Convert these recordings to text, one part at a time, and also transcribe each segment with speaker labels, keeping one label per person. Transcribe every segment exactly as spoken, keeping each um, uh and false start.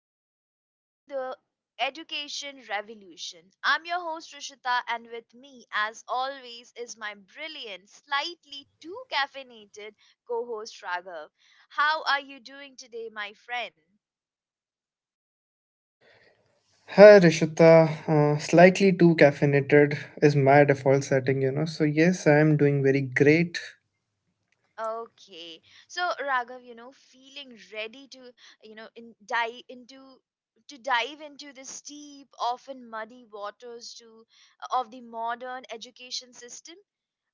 Speaker 1: back to the Education Revolution. I'm your host Rishita, and with me, as always, is my brilliant, slightly too caffeinated co host Raghav. How are you doing today, my friend?
Speaker 2: Hi Rishita, uh, slightly too caffeinated is my default setting, you know. So yes, I am doing very great.
Speaker 1: Okay, so Raghav, you know, feeling ready to, you know, in, dive into to dive into the steep, often muddy waters to of the modern education system.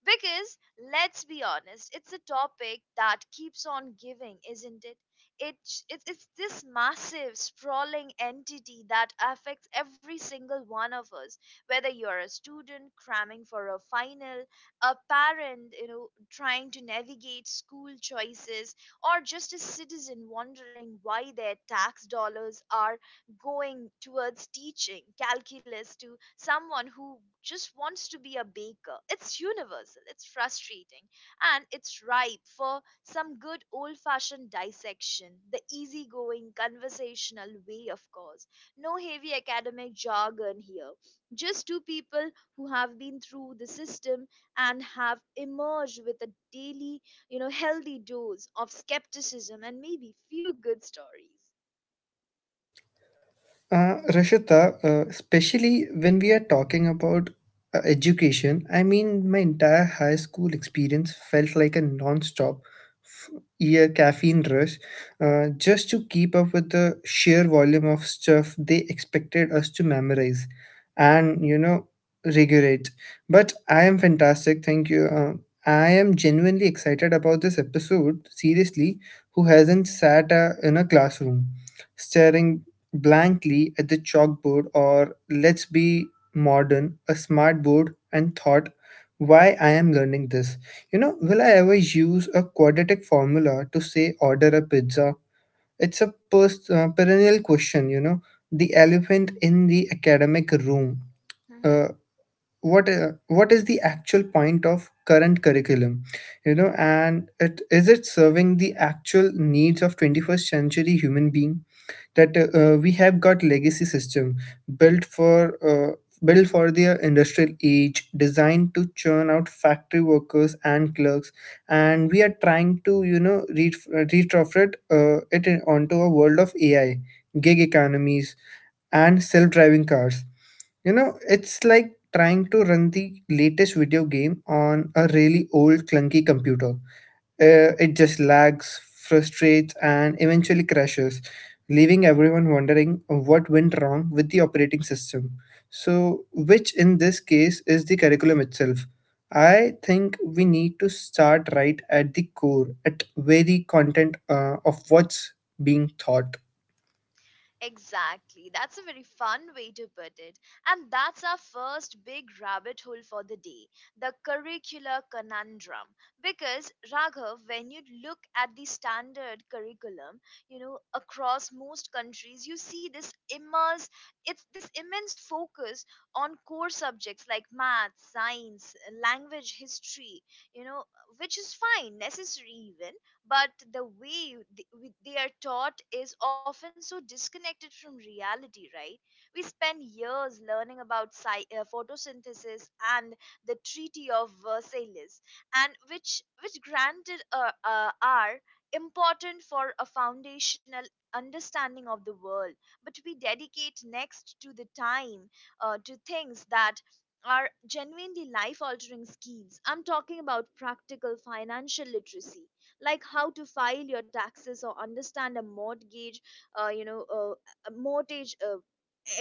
Speaker 1: Because let's be honest, it's a topic that keeps on giving, isn't it? It, it? It's this massive, sprawling entity that affects every single one of us, whether you're a student cramming for a final, a parent, you know, trying to navigate school choices, or just a citizen wondering why their tax dollars are going towards teaching calculus to someone who just wants to be a baker. It's universal, it's frustrating, and it's ripe for some good old fashioned dissection, the easygoing conversational way, of course. No heavy academic jargon here, just two people who have been through the system and have emerged with a daily, you know, healthy dose of skepticism and maybe few good stories.
Speaker 2: Uh, Rashita, uh, especially when we are talking about uh, education, I mean, my entire high school experience felt like a non-stop f- year caffeine rush, uh, just to keep up with the sheer volume of stuff they expected us to memorize and, you know, regulate. But I am fantastic, thank you. Uh, I am genuinely excited about this episode, seriously, who hasn't sat uh, in a classroom, staring blankly at the chalkboard, or, let's be modern, a smart board, and thought, why I am learning this? You know, will I ever use a quadratic formula to, say, order a pizza? It's a pers- uh, perennial question, you know, the elephant in the academic room. Uh, what uh, what is the actual point of current curriculum, you know, and it is it serving the actual needs of twenty-first century human being? That uh, We have got legacy system built for uh, built for the industrial age, designed to churn out factory workers and clerks, and we are trying to, you know, re- retrofit uh, it in- onto a world of ai, gig economies, and self-driving cars. You know, it's like trying to run the latest video game on a really old clunky computer. Uh, it just lags, frustrates, and eventually crashes, leaving everyone wondering what went wrong with the operating system. So, which in this case is the curriculum itself? I think we need to start right at the core, at very content uh, of what's being taught.
Speaker 1: Exactly. That's a very fun way to put it. And that's our first big rabbit hole for the day, the curricular conundrum. Because, Raghav, when you look at the standard curriculum, you know, across most countries, you see this immense, it's this immense focus on core subjects like math, science, language, history, you know, which is fine, necessary even, but the way th- we- they are taught is often so disconnected from reality, right? We spend years learning about sci- uh, photosynthesis and the Treaty of Versailles, and which which granted, uh, uh, are important for a foundational understanding of the world, but we dedicate next to the time uh, to things that are genuinely life altering skills. I'm talking about practical financial literacy, like how to file your taxes or understand a mortgage, uh, you know uh, a mortgage uh,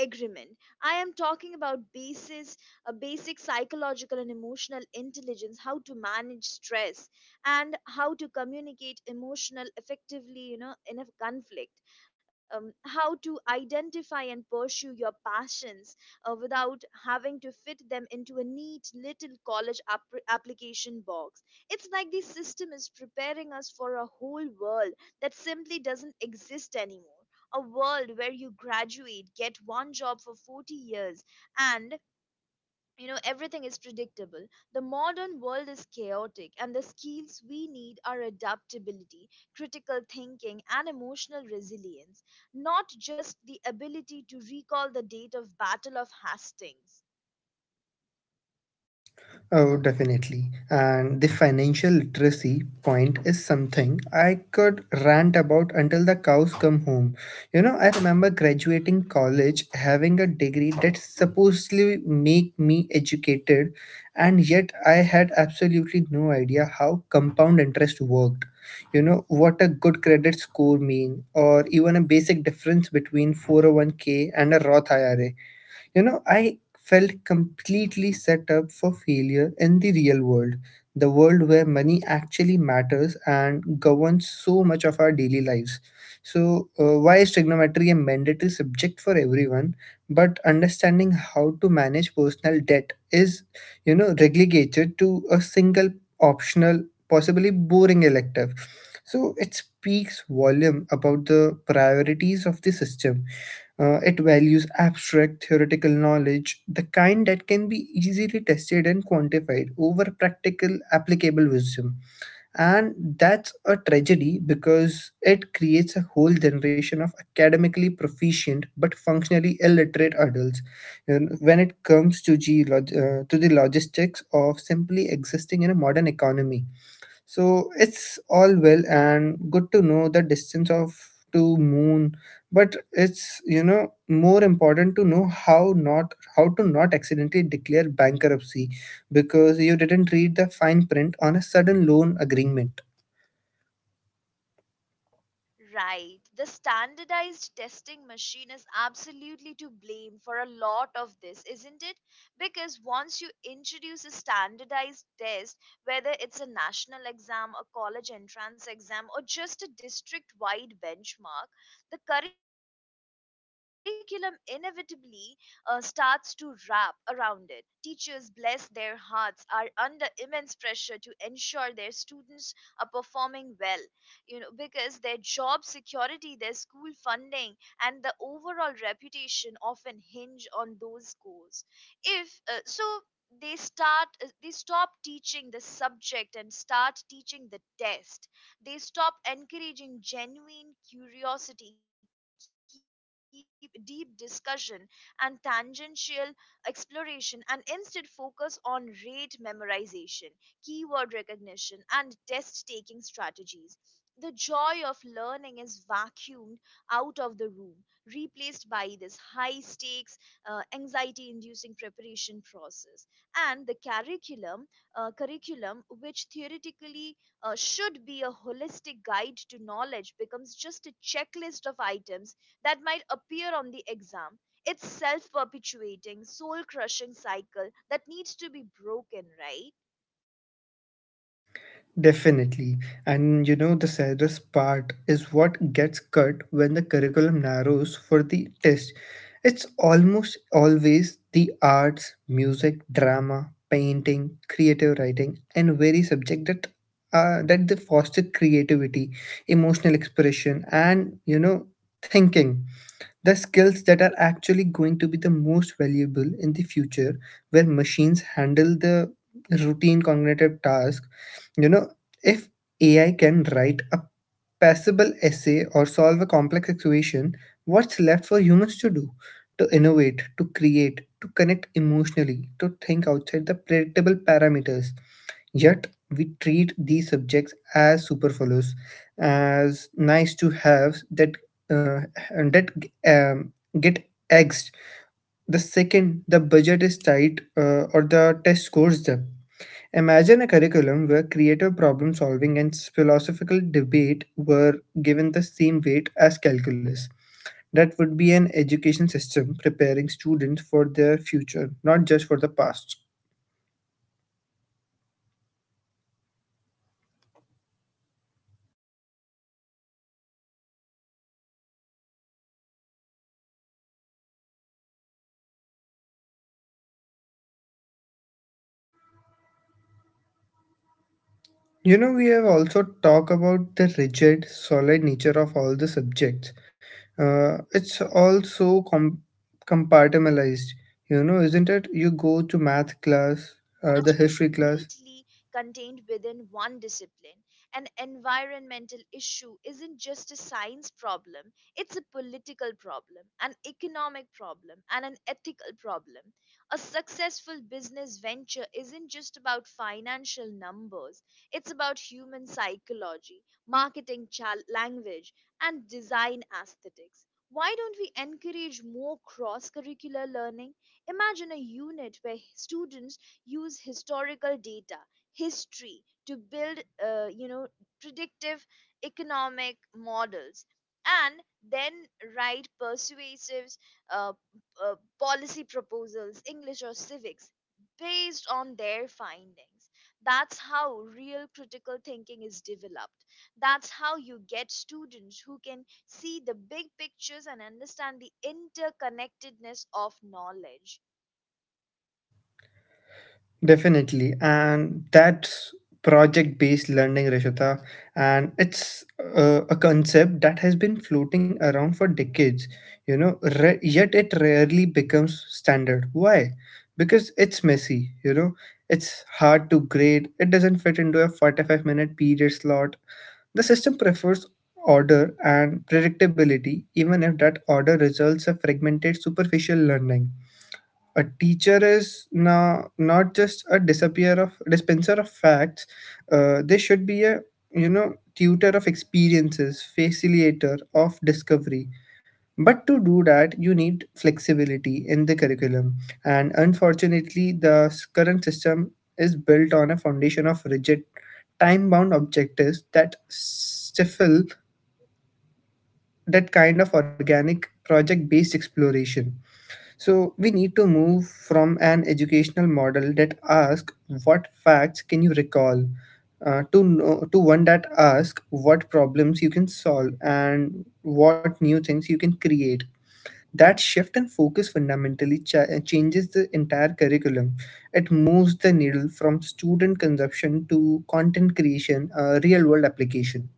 Speaker 1: agreement. I am talking about basis a basic psychological and emotional intelligence, how to manage stress and how to communicate emotional effectively, you know in a conflict. Um, how to identify and pursue your passions uh, without having to fit them into a neat little college app- application box. It's like the system is preparing us for a whole world that simply doesn't exist anymore. A world where you graduate, get one job for forty years, and you know everything is predictable. The modern world is chaotic, and the skills we need are adaptability, critical thinking, and emotional resilience, not just the ability to recall the date of Battle of Hastings.
Speaker 2: Oh, definitely. And the financial literacy point is something I could rant about until the cows come home. You know, I remember graduating college having a degree that supposedly make me educated, and yet I had absolutely no idea how compound interest worked. You know, what a good credit score mean, or even a basic difference between four oh one k and a Roth I R A. You know, I felt completely set up for failure in the real world, the world where money actually matters and governs so much of our daily lives. So, uh, why is trigonometry a mandatory subject for everyone, but understanding how to manage personal debt is, you know, relegated to a single optional, possibly boring elective? So, it speaks volume about the priorities of the system. Uh, it values abstract theoretical knowledge, the kind that can be easily tested and quantified, over practical, applicable wisdom. And that's a tragedy because it creates a whole generation of academically proficient but functionally illiterate adults. And when it comes to, geolog- uh, to the logistics of simply existing in a modern economy, so it's all well and good to know the distance of to moon, but it's, you know, more important to know how not how to not accidentally declare bankruptcy because you didn't read the fine print on a sudden loan agreement.
Speaker 1: Right. The standardized testing machine is absolutely to blame for a lot of this, isn't it? Because once you introduce a standardized test, whether it's a national exam, a college entrance exam, or just a district wide benchmark, the curriculum inevitably uh, starts to wrap around it. Teachers, bless their hearts, are under immense pressure to ensure their students are performing well, you know because their job security, their school funding, and the overall reputation often hinge on those scores. If uh, so they start uh, They stop teaching the subject and start teaching the test. They stop encouraging genuine curiosity, keep deep discussion and tangential exploration, and instead focus on rate memorization, keyword recognition, and test taking strategies. The joy of learning is vacuumed out of the room, replaced by this high stakes, uh, anxiety inducing preparation process. And the curriculum, uh, curriculum, which theoretically uh, should be a holistic guide to knowledge, becomes just a checklist of items that might appear on the exam. It's self perpetuating, soul crushing cycle that needs to be broken, right?
Speaker 2: Definitely. And you know, the saddest part is what gets cut when the curriculum narrows for the test. It's almost always the arts, music, drama, painting, creative writing, and very subject that uh, that they foster creativity, emotional expression, and, you know, thinking. The skills that are actually going to be the most valuable in the future, where machines
Speaker 1: Right. The
Speaker 2: handle the
Speaker 1: skills, you know, that are
Speaker 2: routine
Speaker 1: actually
Speaker 2: cognitive
Speaker 1: going
Speaker 2: tasks,
Speaker 1: to be the
Speaker 2: you know,
Speaker 1: most
Speaker 2: if
Speaker 1: valuable in a
Speaker 2: A I can
Speaker 1: future where
Speaker 2: write a
Speaker 1: machines handle the
Speaker 2: passable
Speaker 1: routine
Speaker 2: essay or solve a
Speaker 1: cognitive
Speaker 2: complex
Speaker 1: task. If
Speaker 2: equation,
Speaker 1: A I
Speaker 2: what's
Speaker 1: can
Speaker 2: left for
Speaker 1: write a
Speaker 2: humans to do?
Speaker 1: passable
Speaker 2: To
Speaker 1: essay or
Speaker 2: innovate, to
Speaker 1: solve a
Speaker 2: create,
Speaker 1: complex
Speaker 2: to connect
Speaker 1: equation, what's
Speaker 2: emotionally,
Speaker 1: left for
Speaker 2: to
Speaker 1: human
Speaker 2: think
Speaker 1: to do?
Speaker 2: outside the predictable
Speaker 1: To
Speaker 2: parameters.
Speaker 1: innovate, to
Speaker 2: Yet,
Speaker 1: create, to
Speaker 2: we
Speaker 1: connect
Speaker 2: treat these
Speaker 1: emotionally,
Speaker 2: subjects
Speaker 1: to
Speaker 2: as
Speaker 1: think outside
Speaker 2: superfluous,
Speaker 1: these predictable
Speaker 2: as nice to have
Speaker 1: parameters.
Speaker 2: that
Speaker 1: Yes, we
Speaker 2: uh,
Speaker 1: treat
Speaker 2: and
Speaker 1: these
Speaker 2: that
Speaker 1: subjects as
Speaker 2: um, get axed
Speaker 1: superfluous,
Speaker 2: the
Speaker 1: as nice
Speaker 2: second
Speaker 1: to
Speaker 2: the
Speaker 1: haves
Speaker 2: budget is
Speaker 1: that
Speaker 2: tight
Speaker 1: ha-
Speaker 2: uh,
Speaker 1: get
Speaker 2: or the
Speaker 1: axed
Speaker 2: test
Speaker 1: the
Speaker 2: scores up.
Speaker 1: second the budget, you know
Speaker 2: Imagine a
Speaker 1: is
Speaker 2: curriculum
Speaker 1: tight
Speaker 2: where
Speaker 1: or the
Speaker 2: creative
Speaker 1: test
Speaker 2: problem
Speaker 1: scores dip.
Speaker 2: solving and philosophical
Speaker 1: Imagine a
Speaker 2: debate
Speaker 1: curriculum
Speaker 2: were
Speaker 1: where
Speaker 2: given the
Speaker 1: creative
Speaker 2: same weight
Speaker 1: uh,
Speaker 2: as
Speaker 1: problem
Speaker 2: calculus.
Speaker 1: solving and
Speaker 2: That would be an
Speaker 1: philosophical
Speaker 2: education
Speaker 1: debate were
Speaker 2: system
Speaker 1: given
Speaker 2: preparing
Speaker 1: the
Speaker 2: students
Speaker 1: same
Speaker 2: for
Speaker 1: weight
Speaker 2: their
Speaker 1: as
Speaker 2: future,
Speaker 1: calculus.
Speaker 2: not just for the
Speaker 1: That
Speaker 2: past.
Speaker 1: would be an educative system preparing students for the future, not for our past. Now, we also have to talk about the rigid, so- uh, I think, siloed uh, nature of the subjects. It's all so compa- uh, compartmentalized,
Speaker 2: You
Speaker 1: isn't
Speaker 2: know,
Speaker 1: it?
Speaker 2: we have also
Speaker 1: You go
Speaker 2: talked
Speaker 1: to
Speaker 2: about
Speaker 1: math
Speaker 2: the
Speaker 1: class,
Speaker 2: rigid,
Speaker 1: then history
Speaker 2: solid nature
Speaker 1: class, then
Speaker 2: of all the
Speaker 1: english class, and
Speaker 2: subjects.
Speaker 1: rarely
Speaker 2: Uh,
Speaker 1: do
Speaker 2: it's
Speaker 1: these words
Speaker 2: also com-
Speaker 1: collide in a meaningful way.
Speaker 2: compartmentalized, you know,
Speaker 1: But in
Speaker 2: isn't
Speaker 1: the
Speaker 2: it? You
Speaker 1: real
Speaker 2: go
Speaker 1: world
Speaker 2: to math
Speaker 1: problems are
Speaker 2: class, uh, the
Speaker 1: never
Speaker 2: history class.
Speaker 1: neatly contained within one discipline. An environmental issue isn't just a science problem, it's a political problem, an economic problem, and an ethical problem. A successful business venture isn't just about financial numbers, it's about human psychology, marketing chal- language, and design aesthetics. Why don't we encourage more cross curricular learning? Imagine a unit where students use historical data, history, to build, uh, you know, predictive economic models and then write persuasive uh, uh, policy proposals, English or civics, based on their findings. That's how real critical thinking is developed. That's how you get students who can see the big pictures and understand the interconnectedness of knowledge.
Speaker 2: Definitely. And that's project based learning, Rishita. And it's uh, a concept that has been floating around for decades, you know, re- yet it rarely becomes standard. Why? Because it's messy, you know, it's hard to grade, it doesn't fit into a forty-five minute period slot. The system prefers order and predictability, even if that order results a fragmented, superficial learning. A teacher is now not just a disappear of dispenser of facts. Uh, they should be a, you know, tutor of experiences, facilitator of discovery. But to do that, you need flexibility in the curriculum, and unfortunately, the s- current system is built on a foundation of rigid, time-bound objectives that stifle that kind of organic project-based exploration. So we need to move from an educational model that asks what facts can you recall, uh, to know, to one that asks what problems you can solve and what new things you can create. That shift in focus fundamentally cha- changes the entire curriculum. It moves the needle from student consumption to content creation, uh, real world application.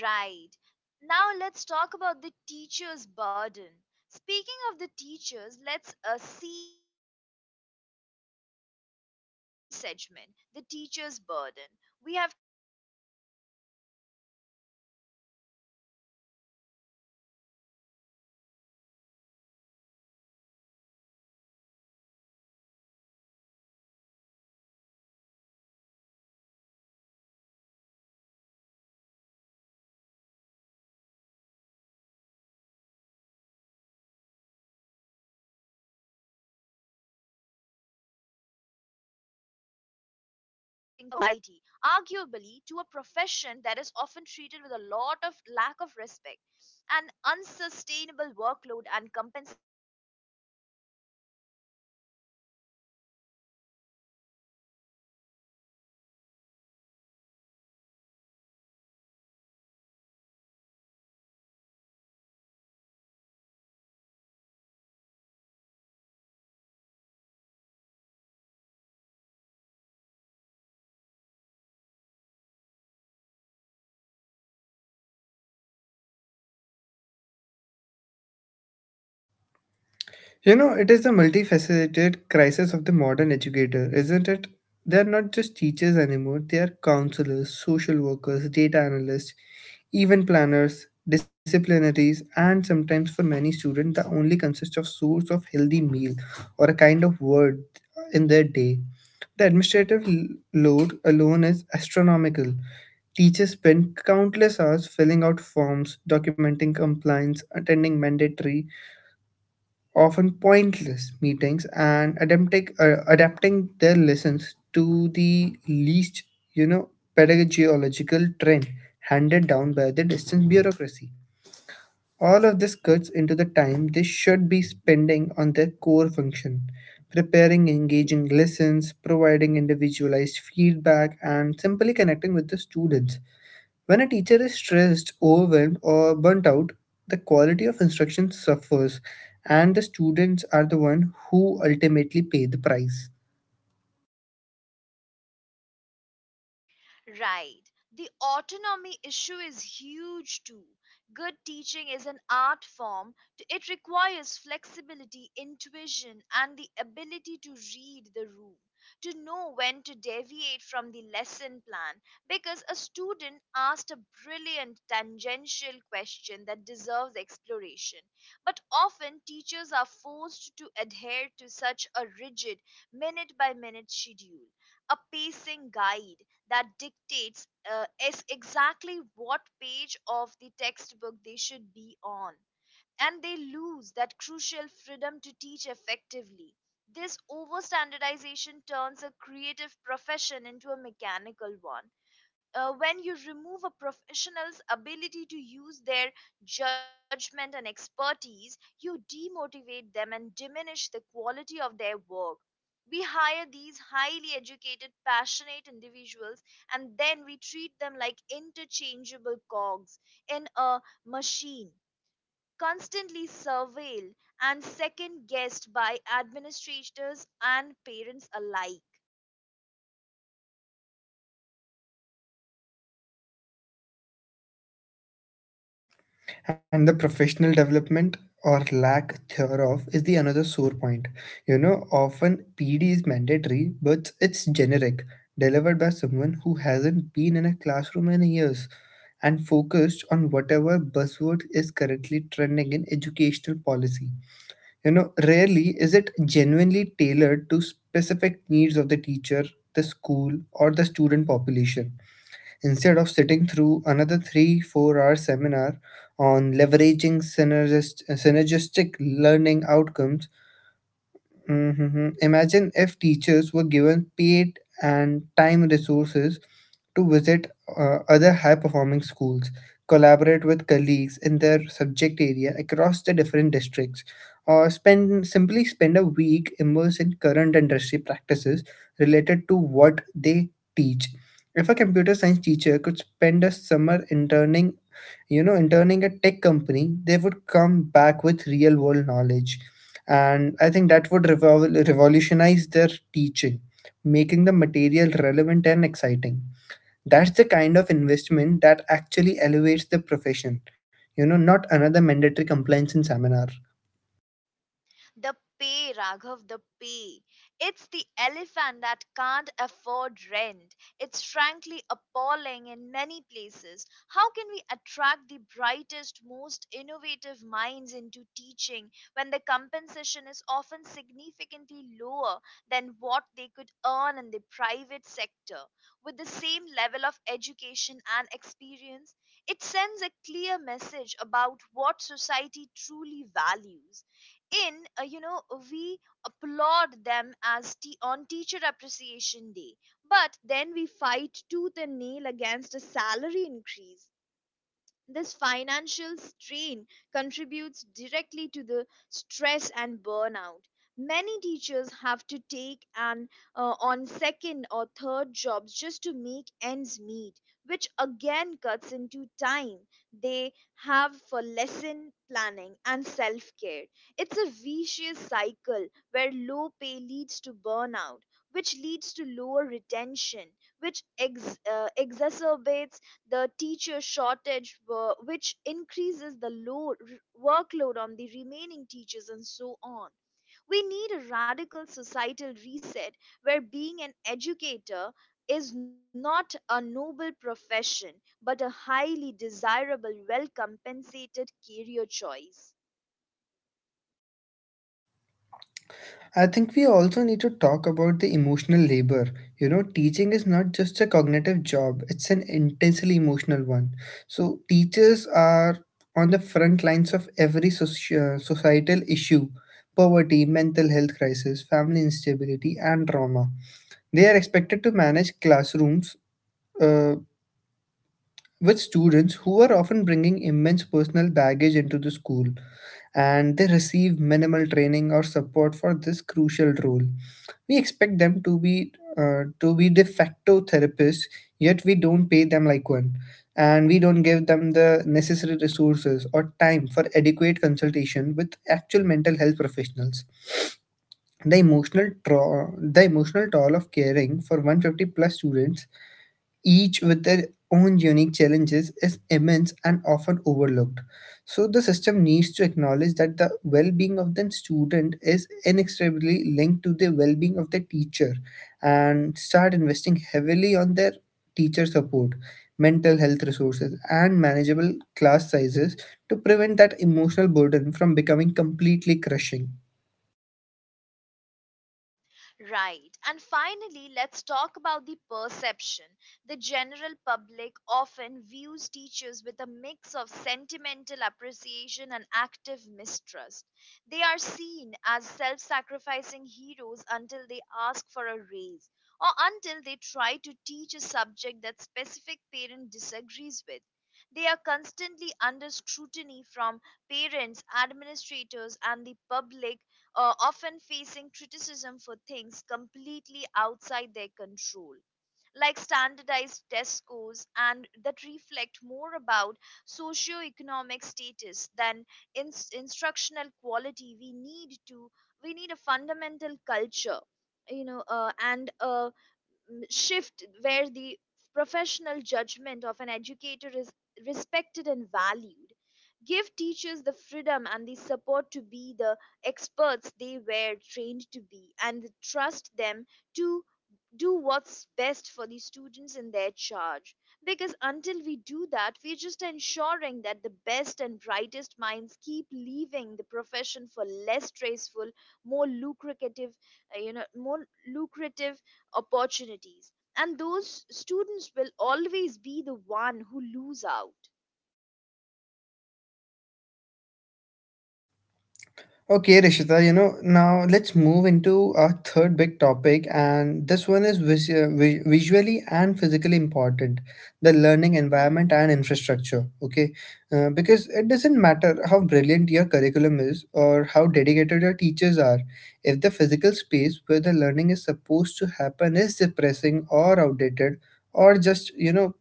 Speaker 1: Right. Now let's talk about the teacher's burden. Speaking of the teachers, let's uh, siege uh, beautifully into our second segment, the teacher's burden. We have talked about the frustrating curriculum, but who is tasked with delivering this often outdated test driven material? The underpaid, overworked, and frequently undervalued educators who are truly the backbone of the entire operation. It's a cruel irony, isn't it? We entrust the minds of our future generation, the most important job in society, arguably, to a profession that is often treated with a lot of lack of respect, an unsustainable workload, and compensation that barely scratches the surface of what they deserve. And then we wonder what uh, why there's a teacher shortage. It's not rocket science. You can expect excellence and dedication, and you are treating the profession like a temporary stepping stone rather than a prestigious, viral career path.
Speaker 2: You know, it is the multifaceted crisis of the modern educator, isn't it? They are not just teachers anymore, they are counselors, social workers, data analysts, event planners, disciplinaries, and sometimes for many students, the only consist of source of healthy meal or a kind of word in their day. The administrative l- load alone is astronomical. Teachers spend countless hours filling out forms, documenting compliance, attending mandatory, often pointless meetings and adapting, uh, adapting their lessons to the least, you know, pedagogical trend handed down by the distant bureaucracy. All of this cuts into the time they should be spending on their core function, preparing engaging lessons, providing individualized feedback, and simply connecting with the students. When a teacher is stressed, overwhelmed, or burnt out, the quality of instruction suffers, and the students are the one who ultimately pay the price.
Speaker 1: Right. The autonomy issue is huge too. Good teaching is an art form. It requires flexibility, intuition, and the ability to read the room, to know when to deviate from the lesson plan because a student asked a brilliant tangential question that deserves exploration. But often teachers are forced to adhere to such a rigid minute by minute schedule, a pacing guide that dictates uh, is exactly what page of the textbook they should be on, and they lose that crucial freedom to teach effectively. This overstandardization turns a creative profession into a mechanical one. Uh, when you remove a professional's ability to use their judgment and expertise, you demotivate them and diminish the quality of their work. We hire these highly educated, passionate individuals and then we treat them like interchangeable cogs in a machine, constantly surveilled and second guessed by administrators and parents alike.
Speaker 2: And the professional development, or lack thereof, is the another sore point. You know, often P D is mandatory, but it's generic, delivered by someone who hasn't been in a classroom in years and focused on whatever buzzword is currently trending in educational policy. You know, rarely is it genuinely tailored to specific needs of the teacher, the school, or the student population. Instead of sitting through another three, four hour seminar on leveraging synergist- synergistic learning outcomes, mhm, imagine if teachers were given paid and time resources to visit uh, other high performing schools, collaborate with colleagues in their subject area across the different districts, or spend simply spend a week immersed in current industry practices related to what they teach. If a computer science teacher could spend a summer interning, you know, interning a tech company, they would come back with real world knowledge. And I think that would revol- revolutionize their teaching, making the material relevant and exciting. That's the kind of investment that actually elevates the profession, you know, not another mandatory compliance in seminar.
Speaker 1: The pay, Raghav, the pay. It's the elephant that can't afford rent. It's frankly appalling in many places. How can we attract the brightest, most innovative minds into teaching when the compensation is often significantly lower than what they could earn in the private sector? With the same level of education and experience, it sends a clear message about what society truly values in, uh, you know we applaud them as t- on teacher appreciation day, but then we fight tooth and nail against a salary increase. This financial strain contributes directly to the stress and burnout. Many teachers have to take an uh, on second or third jobs just to make ends meet, which again cuts into time they have for lesson planning and self care. It's a vicious cycle where low pay leads to burnout, which leads to lower retention, which ex- uh, exacerbates the teacher shortage, wo- which increases the load, workload on the remaining teachers, and so on. We need a radical societal reset where being an educator is not a noble profession but a highly desirable, well compensated career choice.
Speaker 2: I think we also need to talk about the emotional labor. You know, teaching is not just a cognitive job, it's an intensely emotional one. So, teachers are on the front lines of every soci- uh, societal issue: poverty, mental health crisis, family instability, and trauma. They are expected to manage classrooms uh, with students who are often bringing immense personal baggage into the school, and they receive minimal training or support for this crucial role. We expect them to be, uh, to be de facto therapists, yet we don't pay them like one, and we don't give them the necessary resources or time for adequate consultation with actual mental health professionals. The emotional tra- the emotional toll of caring for one hundred fifty plus students, each with their own unique challenges, is immense and often overlooked. So, the system needs to acknowledge that the well being of the student is inextricably linked to the well being of the teacher and start investing heavily on their teacher support, mental health resources, and manageable class sizes to prevent that emotional burden from becoming completely crushing.
Speaker 1: Right. And finally, let's talk about the perception. The general public often views teachers with a mix of sentimental appreciation and active mistrust. They are seen as self sacrificing heroes until they ask for a raise or until they try to teach a subject that specific parent disagrees with. They are constantly under scrutiny from parents, administrators, and the public, uh, often facing criticism for things completely outside their control, like standardized test scores and that reflect more about socioeconomic status than ins instructional quality. We need to we need a fundamental culture, you know, uh, and uh, m- shift where the professional judgment of an educator is respected and valued. Give teachers the freedom and the support to be the experts they were trained to be and trust them to do what's best for the students in their charge. Because until we do that, we're just ensuring that the best and brightest minds keep leaving the profession for less stressful, more lucrative, uh, you know, more lucrative opportunities, and those students will always be the one who lose out.
Speaker 2: Okay, Rishita, you know, now let's move into our third big topic, and this one is vis- uh, vi- visually and physically important, the learning
Speaker 1: Mhm.
Speaker 2: environment and infrastructure. Okay, uh, because it doesn't matter how brilliant your curriculum is or how dedicated your teachers are, if the physical space where the learning is supposed to happen is depressing or outdated or just, you know,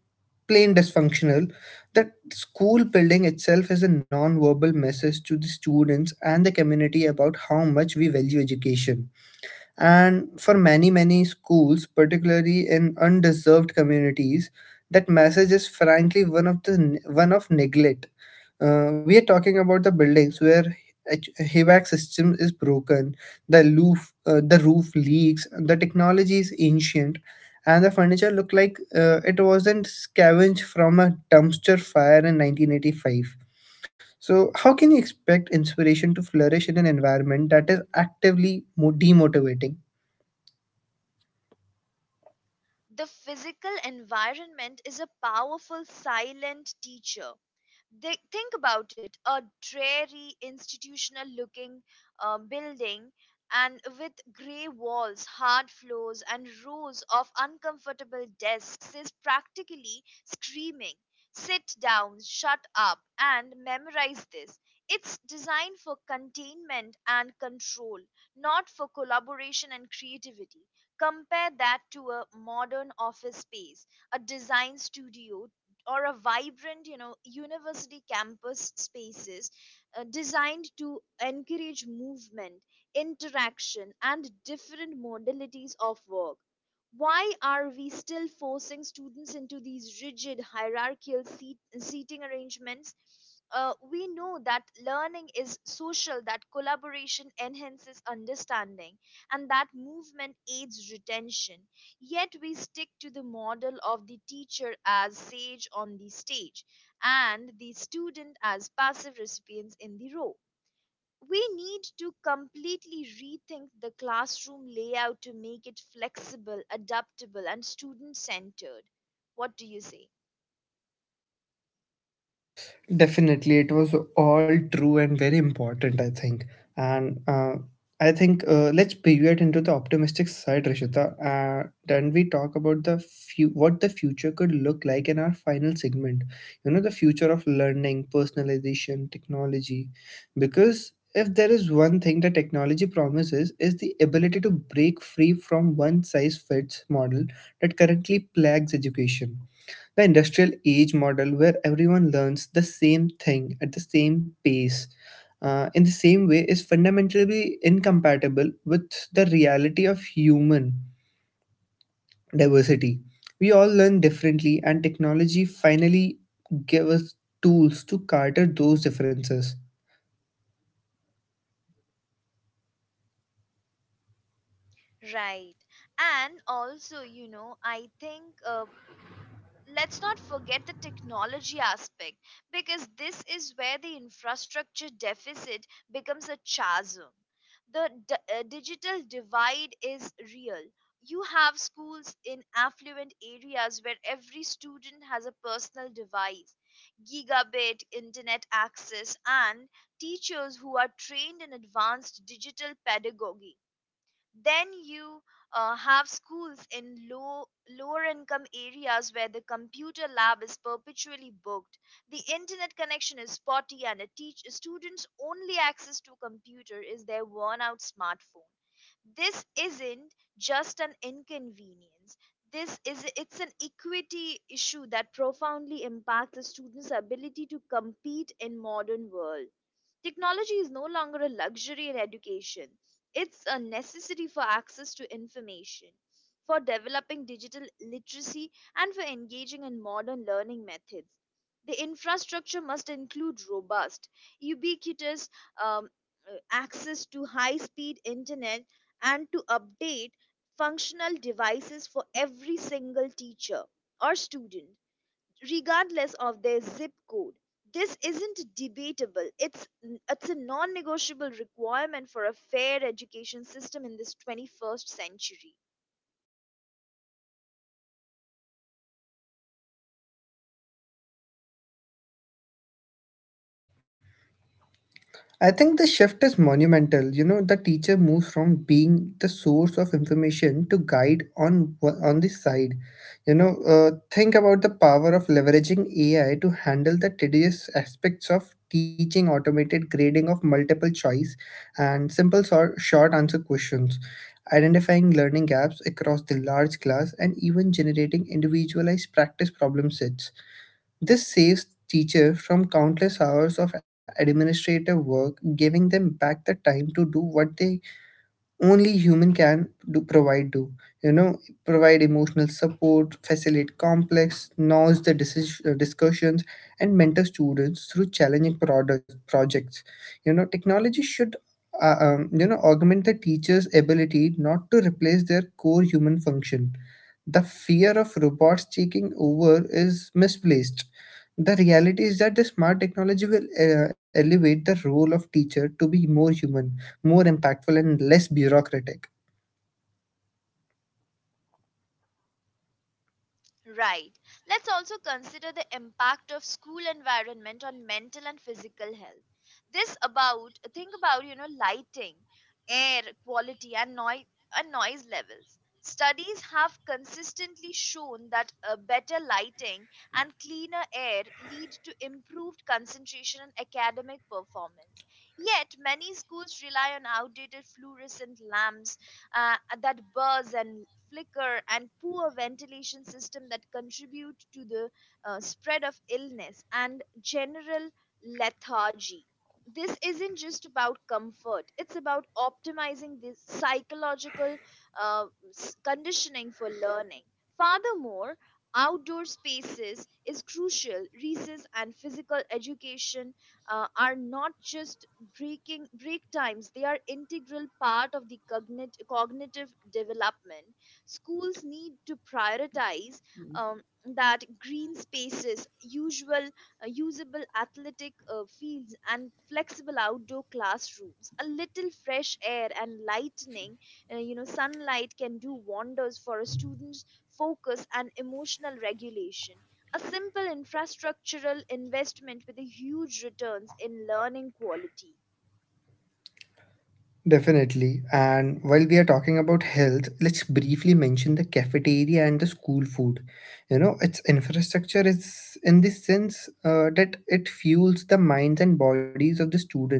Speaker 2: plain dysfunctional, that school building itself is a non-verbal message to the students and the community about how much we value education. And for many many schools, particularly in undeserved communities, that message is frankly one of the one of neglect. Uh, we are talking about the buildings where H- HVAC system is broken, the roof, uh, the roof leaks, the technology is ancient, and the furniture look like uh, it wasn't scavenged from a dumpster fire in nineteen eighty-five. So, how can you expect inspiration to flourish in an environment that is actively mo- demotivating?
Speaker 1: The physical environment is a powerful silent teacher. They, think about it. A dreary, institutional looking uh, building and with gray walls, hard floors, and rows of uncomfortable desks is practically screaming, "Sit down, shut up, and memorize this." It's designed for containment and control, not for collaboration and creativity. Compare that to a modern office space, a design studio, or a vibrant, you know, university campus spaces uh, designed to encourage movement, interaction, and different modalities of work. Why are we still forcing students into these rigid hierarchical seat, seating arrangements? Uh, we know that learning is social, that collaboration enhances understanding, and that movement aids retention. Yet we stick to the model of the teacher as sage on the stage and the student as passive recipients in the row. We need to completely rethink the classroom layout to make it flexible, adaptable, and student centered. What do you say?
Speaker 2: Definitely, it was all true and very important, I think. And uh, I think uh, let's pivot into the optimistic side, Rishita. Uh, then we talk about the few, what the future could look like in our final segment. You know, the future of learning, personalization, technology. Because if there is one thing that technology promises is the ability to break free from one size fits model that currently plagues education, the industrial age model, where everyone learns the same thing at the same pace, uh, in the same way, is fundamentally incompatible with the reality of human diversity. We all learn differently, and technology finally gave us tools to cater those differences.
Speaker 1: Right. And also, you know, I think, uh, let's not forget the technology aspect, because this is where the infrastructure deficit becomes a chasm. The d- uh, digital divide is real. You have schools in affluent areas where every student has a personal device, gigabit internet access, and teachers who are trained in advanced digital pedagogy. Then you uh, have schools in low lower income areas where the computer lab is perpetually booked, the internet connection is spotty, and a teach students only access to computer is their worn out smartphone. This isn't just an inconvenience, this is, it's an equity issue that profoundly impacts the student's ability to compete in modern world. Technology is no longer a luxury in education, it's a necessity for access to information, for developing digital literacy, and for engaging in modern learning methods. The infrastructure must include robust, ubiquitous, um, uh, access to high speed internet and to update functional devices for every single teacher or student, regardless of their zip code. This isn't debatable. It's it's a non-negotiable requirement for a fair education system in this twenty-first century.
Speaker 2: I think the shift is monumental. You know, the teacher moves from being the source of information to guide on wha- on the side. You know, uh, think about the power of leveraging A I to handle the tedious aspects of teaching, automated grading of multiple choice, and simple sor- short answer questions, identifying learning gaps across the large class, and even generating individualized practice problem sets. This saves teacher from countless hours of administrative work, giving them back the time to do what they only human can do provide do. You know, provide emotional support, facilitate complex, noise the decision, uh, discussions, and mentor students through challenging product, projects. You know, technology should uh, um, you know augment the teacher's ability, not to replace their core human function. The fear of robots taking over is misplaced. The reality is that the smart technology will uh, elevate the role of teacher to be more human, more impactful, and less bureaucratic.
Speaker 1: Right. Let's also consider the impact of school environment on mental and physical health. This about Think about, you know, lighting, air quality, and noise and noise levels. Studies have consistently shown that uh, better lighting and cleaner air lead to improved concentration and academic performance. Yet, many schools rely on outdated fluorescent lamps uh, that buzz and flicker, and poor ventilation system that contribute to the uh, spread of illness and general lethargy. This isn't just about comfort, it's about optimizing the psychological uh, s- conditioning for learning. Furthermore, outdoor spaces is crucial. Recess and physical education uh, are not just breaking break times, they are integral part of the cognitive cognitive development. Schools need to prioritize um, that green spaces, usual uh, usable athletic uh, fields, and flexible outdoor classrooms. A little fresh air and lightning, uh, you know, sunlight can do wonders for a student's focus and emotional regulation. A simple infrastructural investment with a huge returns in learning quality.
Speaker 2: Definitely. And while we are talking about health, let's briefly mention the cafeteria and the school food. You know, its infrastructure is in this sense uh, that it fuels the minds and bodies of the students.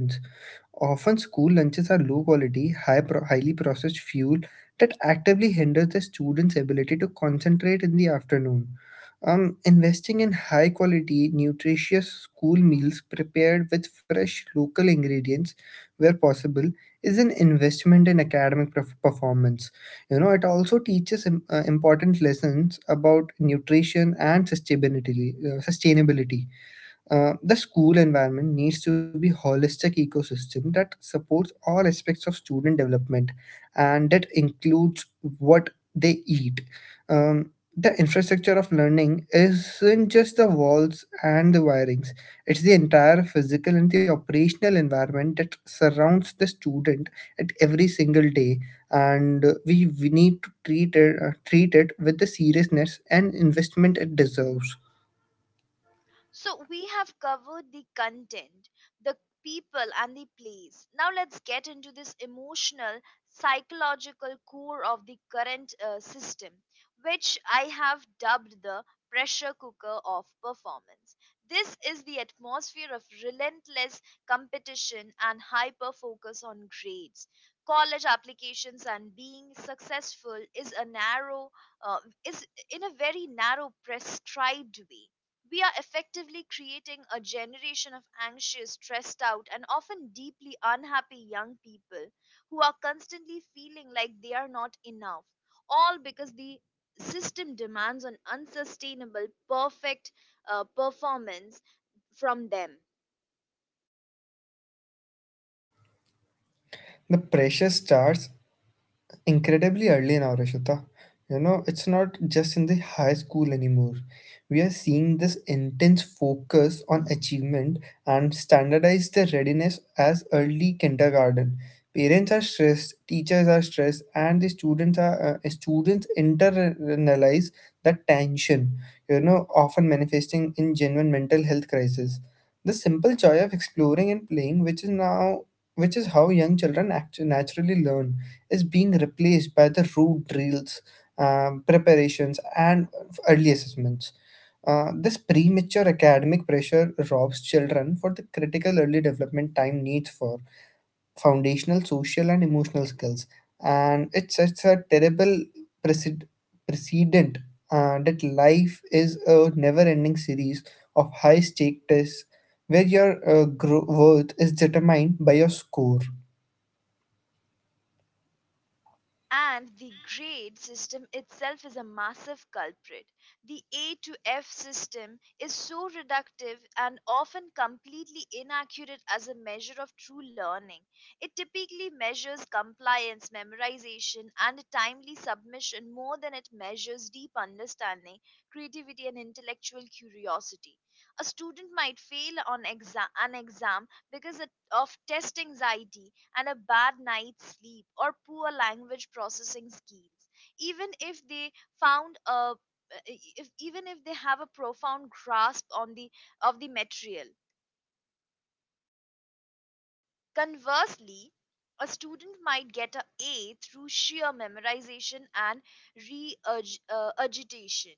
Speaker 2: Often, school lunches are low quality, high pro- highly processed fuel that actively hinders the students' ability to concentrate in the afternoon. Um, investing in high quality, nutritious school meals prepared with fresh local ingredients where possible is an investment in academic perf- performance. You know, it also teaches im- uh, important lessons about nutrition and sustainability. Uh, sustainability uh, the school environment needs to be holistic ecosystem that supports all aspects of student development, and that includes what they eat. um, the infrastructure of learning isn't just the walls and the wirings, it's the entire physical and the operational environment that surrounds the student at every single day. And uh, we, we need to treat it, uh, treat it with the seriousness and investment it deserves.
Speaker 1: So we have covered the content, the people, and the place. Now let's get into this emotional, psychological core of the current uh, system, which I have dubbed the pressure cooker of performance. This is the atmosphere of relentless competition and hyper focus on grades. College applications and being successful is a narrow, uh, is in a very narrow prescribed way. We are effectively creating a generation of anxious, stressed out, and often deeply unhappy young people who are constantly feeling like they are not enough, all because the system demands an unsustainable, perfect uh, performance from them.
Speaker 2: The pressure starts incredibly early now, Rishita. You know, it's not just in the high school anymore. We are seeing this intense focus on achievement and standardize the readiness as early kindergarten. Parents are stressed, teachers are stressed, and the students are uh, students internalize that tension. You know, often manifesting in genuine mental health crisis. The simple joy of exploring and playing, which is now which is how young children act- naturally learn is being replaced by the root drills, um, preparations, and early assessments. Uh, this premature academic pressure robs children for the critical early development time needs for foundational social and emotional skills, and it sets a terrible preced- precedent uh, that life is a never-ending series of high-stake tests where your uh, gro- worth is determined by your score.
Speaker 1: And the grade system itself is a massive culprit. The A to F system is so reductive and often completely inaccurate as a measure of true learning. It typically measures compliance, memorization, and a timely submission more than it measures deep understanding, creativity, and intellectual curiosity. A student might fail on exa- an exam because of test anxiety and a bad night's sleep or poor language processing skills, even if they found a eh, if, even if they have a profound grasp on the of the material. Conversely, a student might get a a through sheer memorization and regurgitation,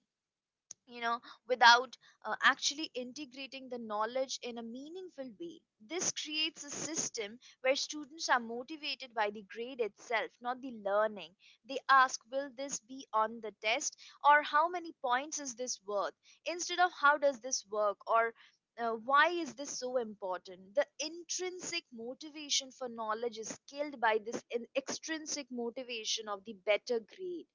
Speaker 1: you know, without uh, actually integrating the knowledge in a meaningful way. This creates a system where students are motivated by the grade itself, not the learning. They ask, will this be on the test, or how many points is this worth? Instead of how does this work, or uh, why is this so important? The intrinsic motivation for knowledge is killed by this in- extrinsic motivation of the better grade.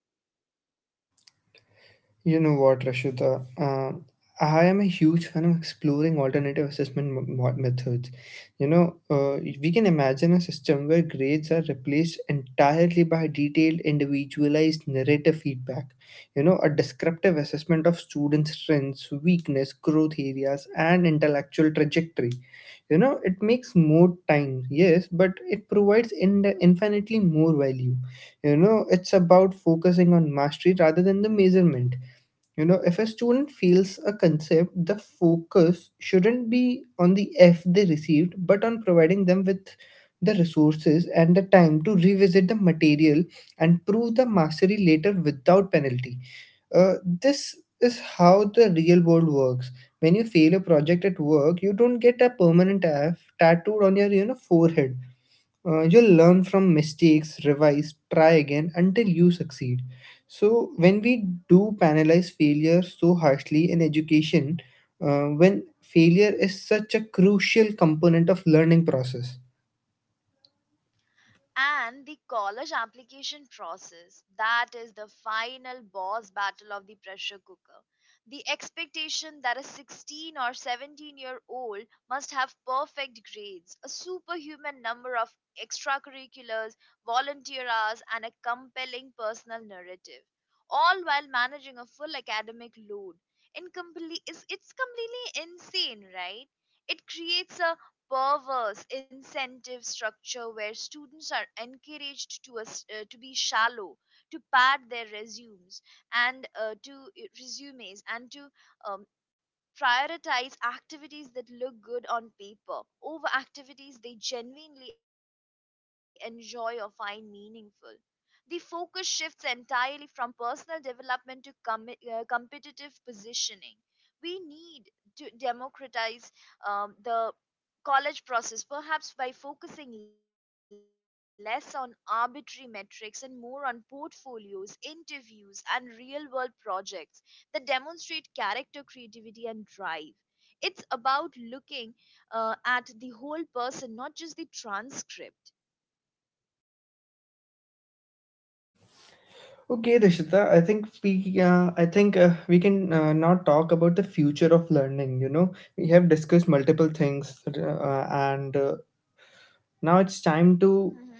Speaker 2: You know what, Rashida? Uh, I am a huge fan of exploring alternative assessment m- mo- methods. You know, uh, we can imagine a system where grades are replaced entirely by detailed, individualized narrative feedback. You know, a descriptive assessment of students' strengths, weakness, growth areas, and intellectual trajectory. You know, it makes more time, yes, but it provides in- infinitely more value. You know, it's about focusing on mastery rather than the measurement. You know, if a student feels a concept, the focus shouldn't be on the F they received, but on providing them with the resources and the time to revisit the material and prove the mastery later without penalty. Uh, this is how the real world works. When you fail a project at work, you don't get a permanent F tattooed on your, you know, forehead. Uh, you'll learn from mistakes, revise, try again until you succeed. So, when we do penalize failure so harshly in education, uh, when failure is such a crucial component of learning process.
Speaker 1: And the college application process, that is the final boss battle of the pressure cooker. The expectation that a sixteen or seventeen year old must have perfect grades, a superhuman number of extracurriculars, volunteer hours, and a compelling personal narrative, all while managing a full academic load, incomplete, is, it's completely insane, right? It creates a perverse incentive structure where students are encouraged to us- uh, to be shallow, to pad their resumes, and uh, to uh, resumes and to um, prioritize activities that look good on paper over activities they genuinely enjoy or find meaningful. The focus shifts entirely from personal development to com- uh, competitive positioning. We need to democratize um, the college process, perhaps by focusing less on arbitrary metrics and more on portfolios, interviews, and real world projects that demonstrate character, creativity, and drive. It's about looking, uh, at the whole person, not just the transcript.
Speaker 2: Okay, Rishita, I think we uh, I think uh, we can uh, now talk about the future of learning. You know, we have discussed multiple things, uh, and uh, now it's time to
Speaker 1: Hmm.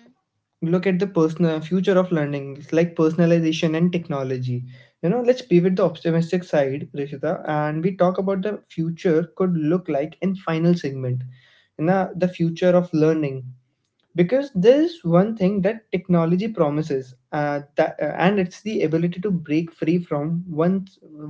Speaker 2: look at the personal future of learning. It's like personalization and technology. You know, let's pivot the optimistic side, Rishita, and we talk about the future could look like in final segment. You know, the future of learning, because there is one thing that technology promises, uh, that, uh, and it's the ability to break free from one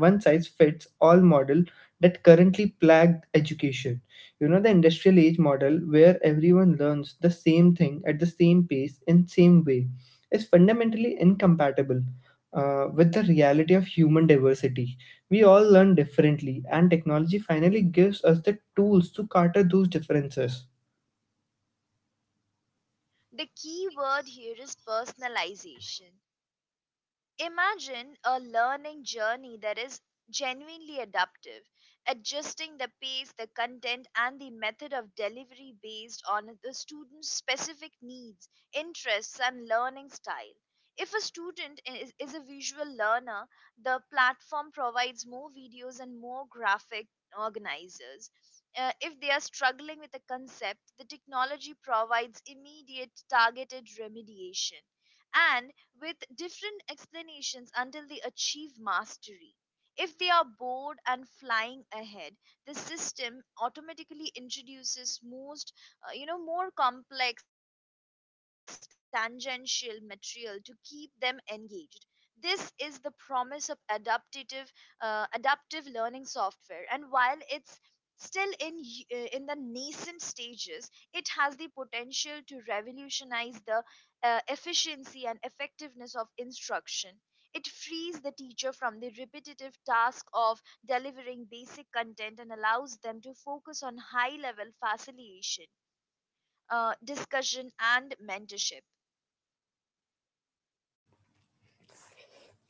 Speaker 2: one size fits all model that currently plagued education. You know, the industrial age model, where everyone learns the same thing at the same pace and same way, is fundamentally incompatible uh, with the reality of human diversity. We all learn differently, and technology finally gives us the tools to cater those differences.
Speaker 1: The key word here is personalization. Imagine a learning journey that is genuinely adaptive, adjusting the pace, the content, and the method of delivery based on the student's specific needs, interests, and learning style. If a student is, is a visual learner, the platform provides more videos and more graphic organizers. Uh, if they are struggling with a concept, the technology provides immediate targeted remediation. And with different explanations until they achieve mastery. If they are bored and flying ahead, the system automatically introduces most, uh, you know, more complex tangential material to keep them engaged. This is the promise of adaptive, uh, adaptive learning software. And while it's still in y- uh, in the nascent stages, it has the potential to revolutionize the uh, efficiency and effectiveness of instruction. It frees the teacher from the repetitive task of delivering basic content and allows them to focus on high level facilitation, uh, discussion, and mentorship.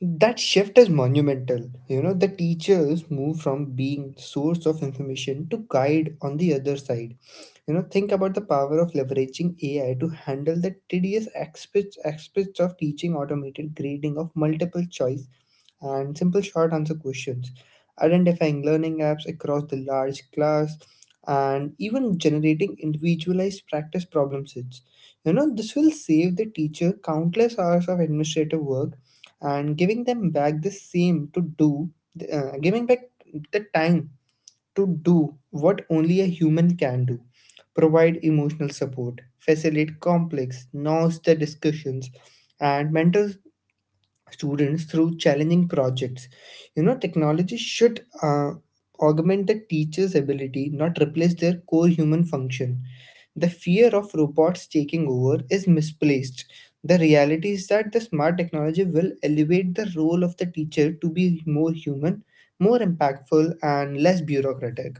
Speaker 2: That shift is monumental. You know, the teachers move from being source of information to guide on the other side. You know, think about the power of leveraging AI to handle the tedious aspects aspects of teaching, automated grading of multiple choice and simple short answer questions, identifying learning apps across the large class, and even generating individualized practice problem sets. You know, this will save the teacher countless hours of administrative work, and giving them back the same to do, uh, giving back the time to do what only a human can do: provide emotional support, facilitate complex, nuanced discussions, and mentor students through challenging projects. You know, technology should uh, augment the teacher's ability, not replace their core human function. The fear of robots taking over is misplaced. The reality is that the smart technology will elevate the role of the teacher to be more human, more impactful, and less bureaucratic.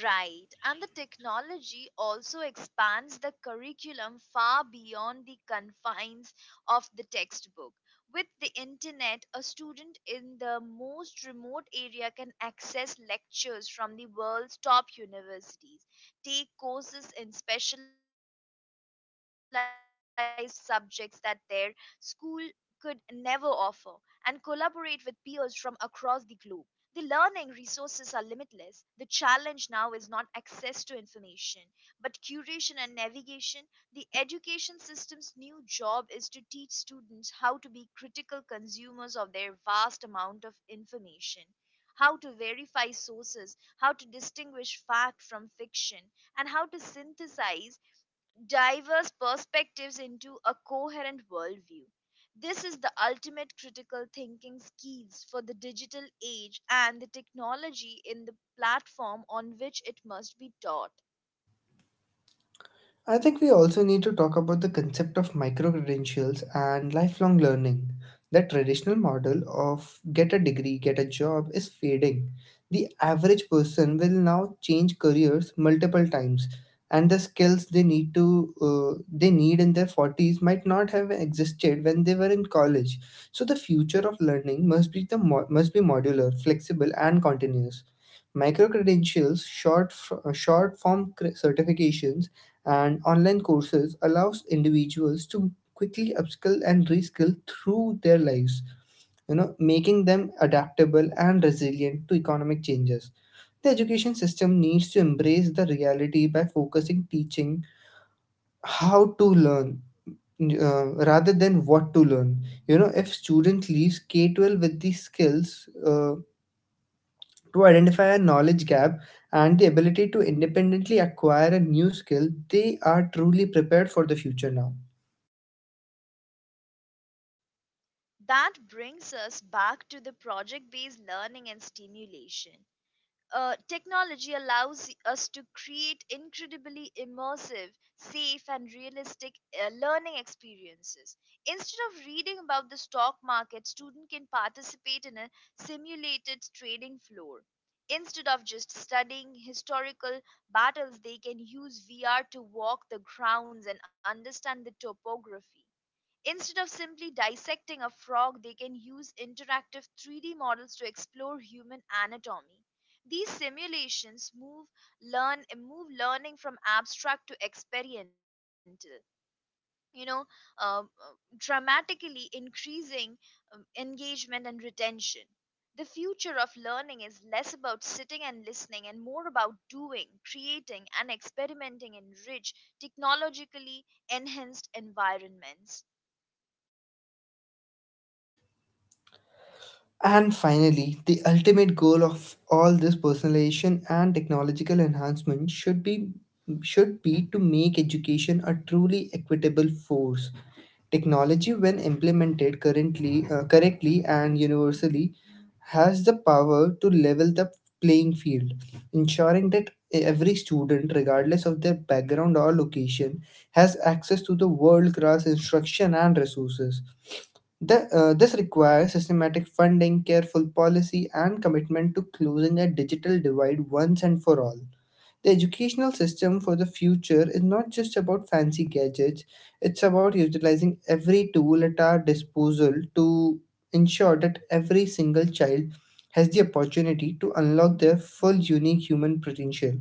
Speaker 1: Right, and the technology also expands the curriculum far beyond the confines of the textbook. With the internet, a student in the most remote area can access lectures from the world's top universities, take courses in specialized subjects that their school could never offer, and collaborate with peers from across the globe. The learning resources are limitless. The challenge now is not access to information, but curation and navigation. The education system's new job is to teach students how to be critical consumers of their vast amount of information, how to verify sources, how to distinguish fact from fiction, and how to synthesize diverse perspectives into a coherent worldview. This is the ultimate critical thinking skills for the digital age and the technology in the platform on which it must be taught.
Speaker 2: I think we also need to talk about the concept of micro credentials and lifelong learning. The traditional model of get a degree, get a job is fading. The average person will now change careers multiple times, and the skills they need to uh, they need in their forties might not have existed when they were in college. So the future of learning must be the mo- must be modular, flexible, and continuous. Micro credentials, short f- uh, short form cre- certifications and online courses allows individuals to quickly upskill and reskill through their lives, you know, making them adaptable and resilient to economic changes. The education system needs to embrace the reality by focusing teaching how to learn uh, rather than what to learn. You know, if student leaves k twelve with these skills uh, to identify a knowledge gap and the ability to independently acquire a new skill, they are truly prepared for the future now.
Speaker 1: That brings us back to the project based learning and stimulation. Uh, technology allows us to create incredibly immersive, safe, and realistic uh, learning experiences. Instead of reading about the stock market, student can participate in a simulated trading floor. Instead of just studying historical battles, they can use V R to walk the grounds and understand the topography. Instead of simply dissecting a frog, they can use interactive three D models to explore human anatomy. These simulations move learn move learning from abstract to experiential. You know, um, uh, dramatically increasing um, engagement and retention. The future of learning is less about sitting and listening and more about doing, creating, and experimenting in rich, technologically enhanced environments.
Speaker 2: And finally, the ultimate goal of all this personalization and technological enhancement should be should be to make education a truly equitable force. Technology, when implemented currently uh, correctly and universally, has the power to level the playing field, ensuring that every student, regardless of their background or location, has access to the world-class instruction and resources. The, uh, this requires systematic funding, careful policy, and commitment to closing a digital divide once and for all. The educational system for the future is not just about fancy gadgets, it's about utilizing every tool at our disposal to ensure that every single child has the opportunity to unlock their full unique human potential.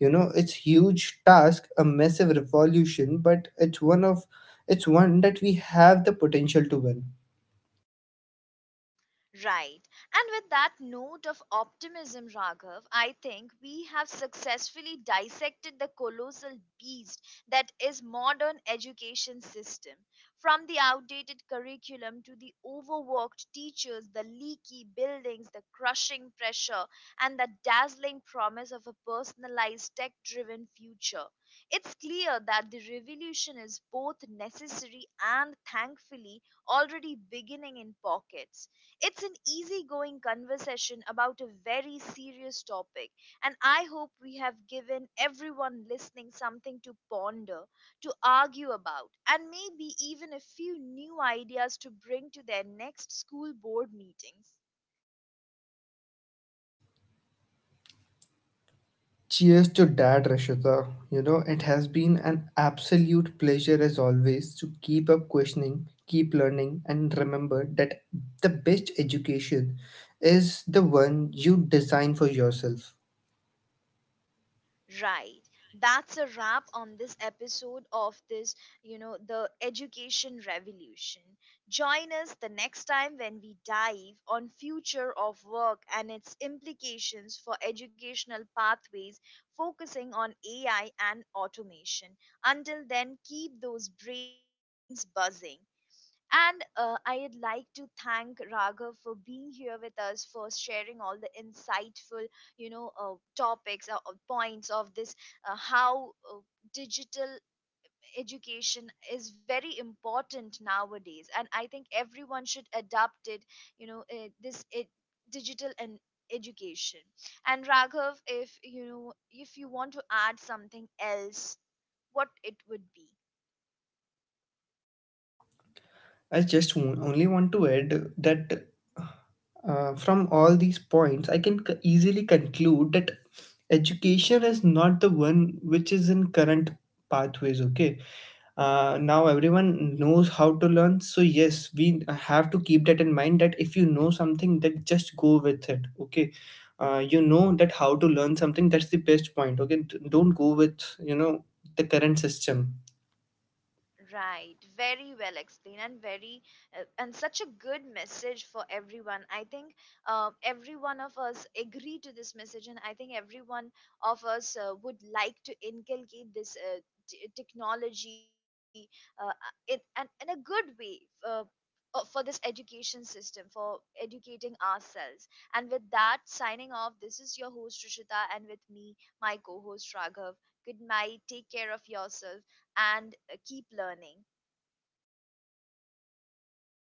Speaker 2: You know, it's huge task, a massive revolution, but it's one of it's one that we have the potential to win.
Speaker 1: Right. And with that note of optimism, Raghav, I think we have successfully dissected the colossal beast that is modern education system. From the outdated curriculum to the overworked teachers, the leaky buildings, the crushing pressure, and the dazzling promise of a personalized tech-driven future. It's clear that the revolution is both necessary and, thankfully, already beginning in pockets. It's an easygoing conversation about a very serious topic, and I hope we have given everyone listening something to ponder, to argue about, and maybe even a few new ideas to bring to their next school board meetings.
Speaker 2: Cheers to that, Rashika. You know, it has been an absolute pleasure as always to keep up questioning, keep learning, and remember that the best education is the one you design for yourself.
Speaker 1: Right. That's a wrap on this episode of this, you know, the education revolution. Join us the next time when we dive on future of work and its implications for educational pathways, focusing on A I and automation. Until then, keep those brains buzzing. And uh, I'd like to thank Raghav for being here with us, for sharing all the insightful, you know, uh, topics or, or points of this, uh, how uh, digital education is very important nowadays. And I think everyone should adopt it, you know, uh, this it, digital and education. And Raghav, if you know, if you want to add something else, what it would be.
Speaker 2: I just w- only want to add that uh, from all these points, I can c- easily conclude that education is not the one which is in current pathways, okay? Uh, now everyone knows how to learn, so yes, we have to keep that in mind that if you know something, then just go with it, okay. Uh, you know that how to learn something, that's the best point, okay. D- don't go with, you know, the current system.
Speaker 1: Right, very well explained, and very, uh, and such a good message for everyone. I think uh, every one of us agree to this message, and I think every one of us uh, would like to inculcate this, uh, t- technology uh, uh, it and in a good way, uh, uh, for this education system, for educating ourselves. And with that, signing off, this is your host Rishita, and with me, my co-host Raghav. Good night, take care of yourself, and uh, keep learning.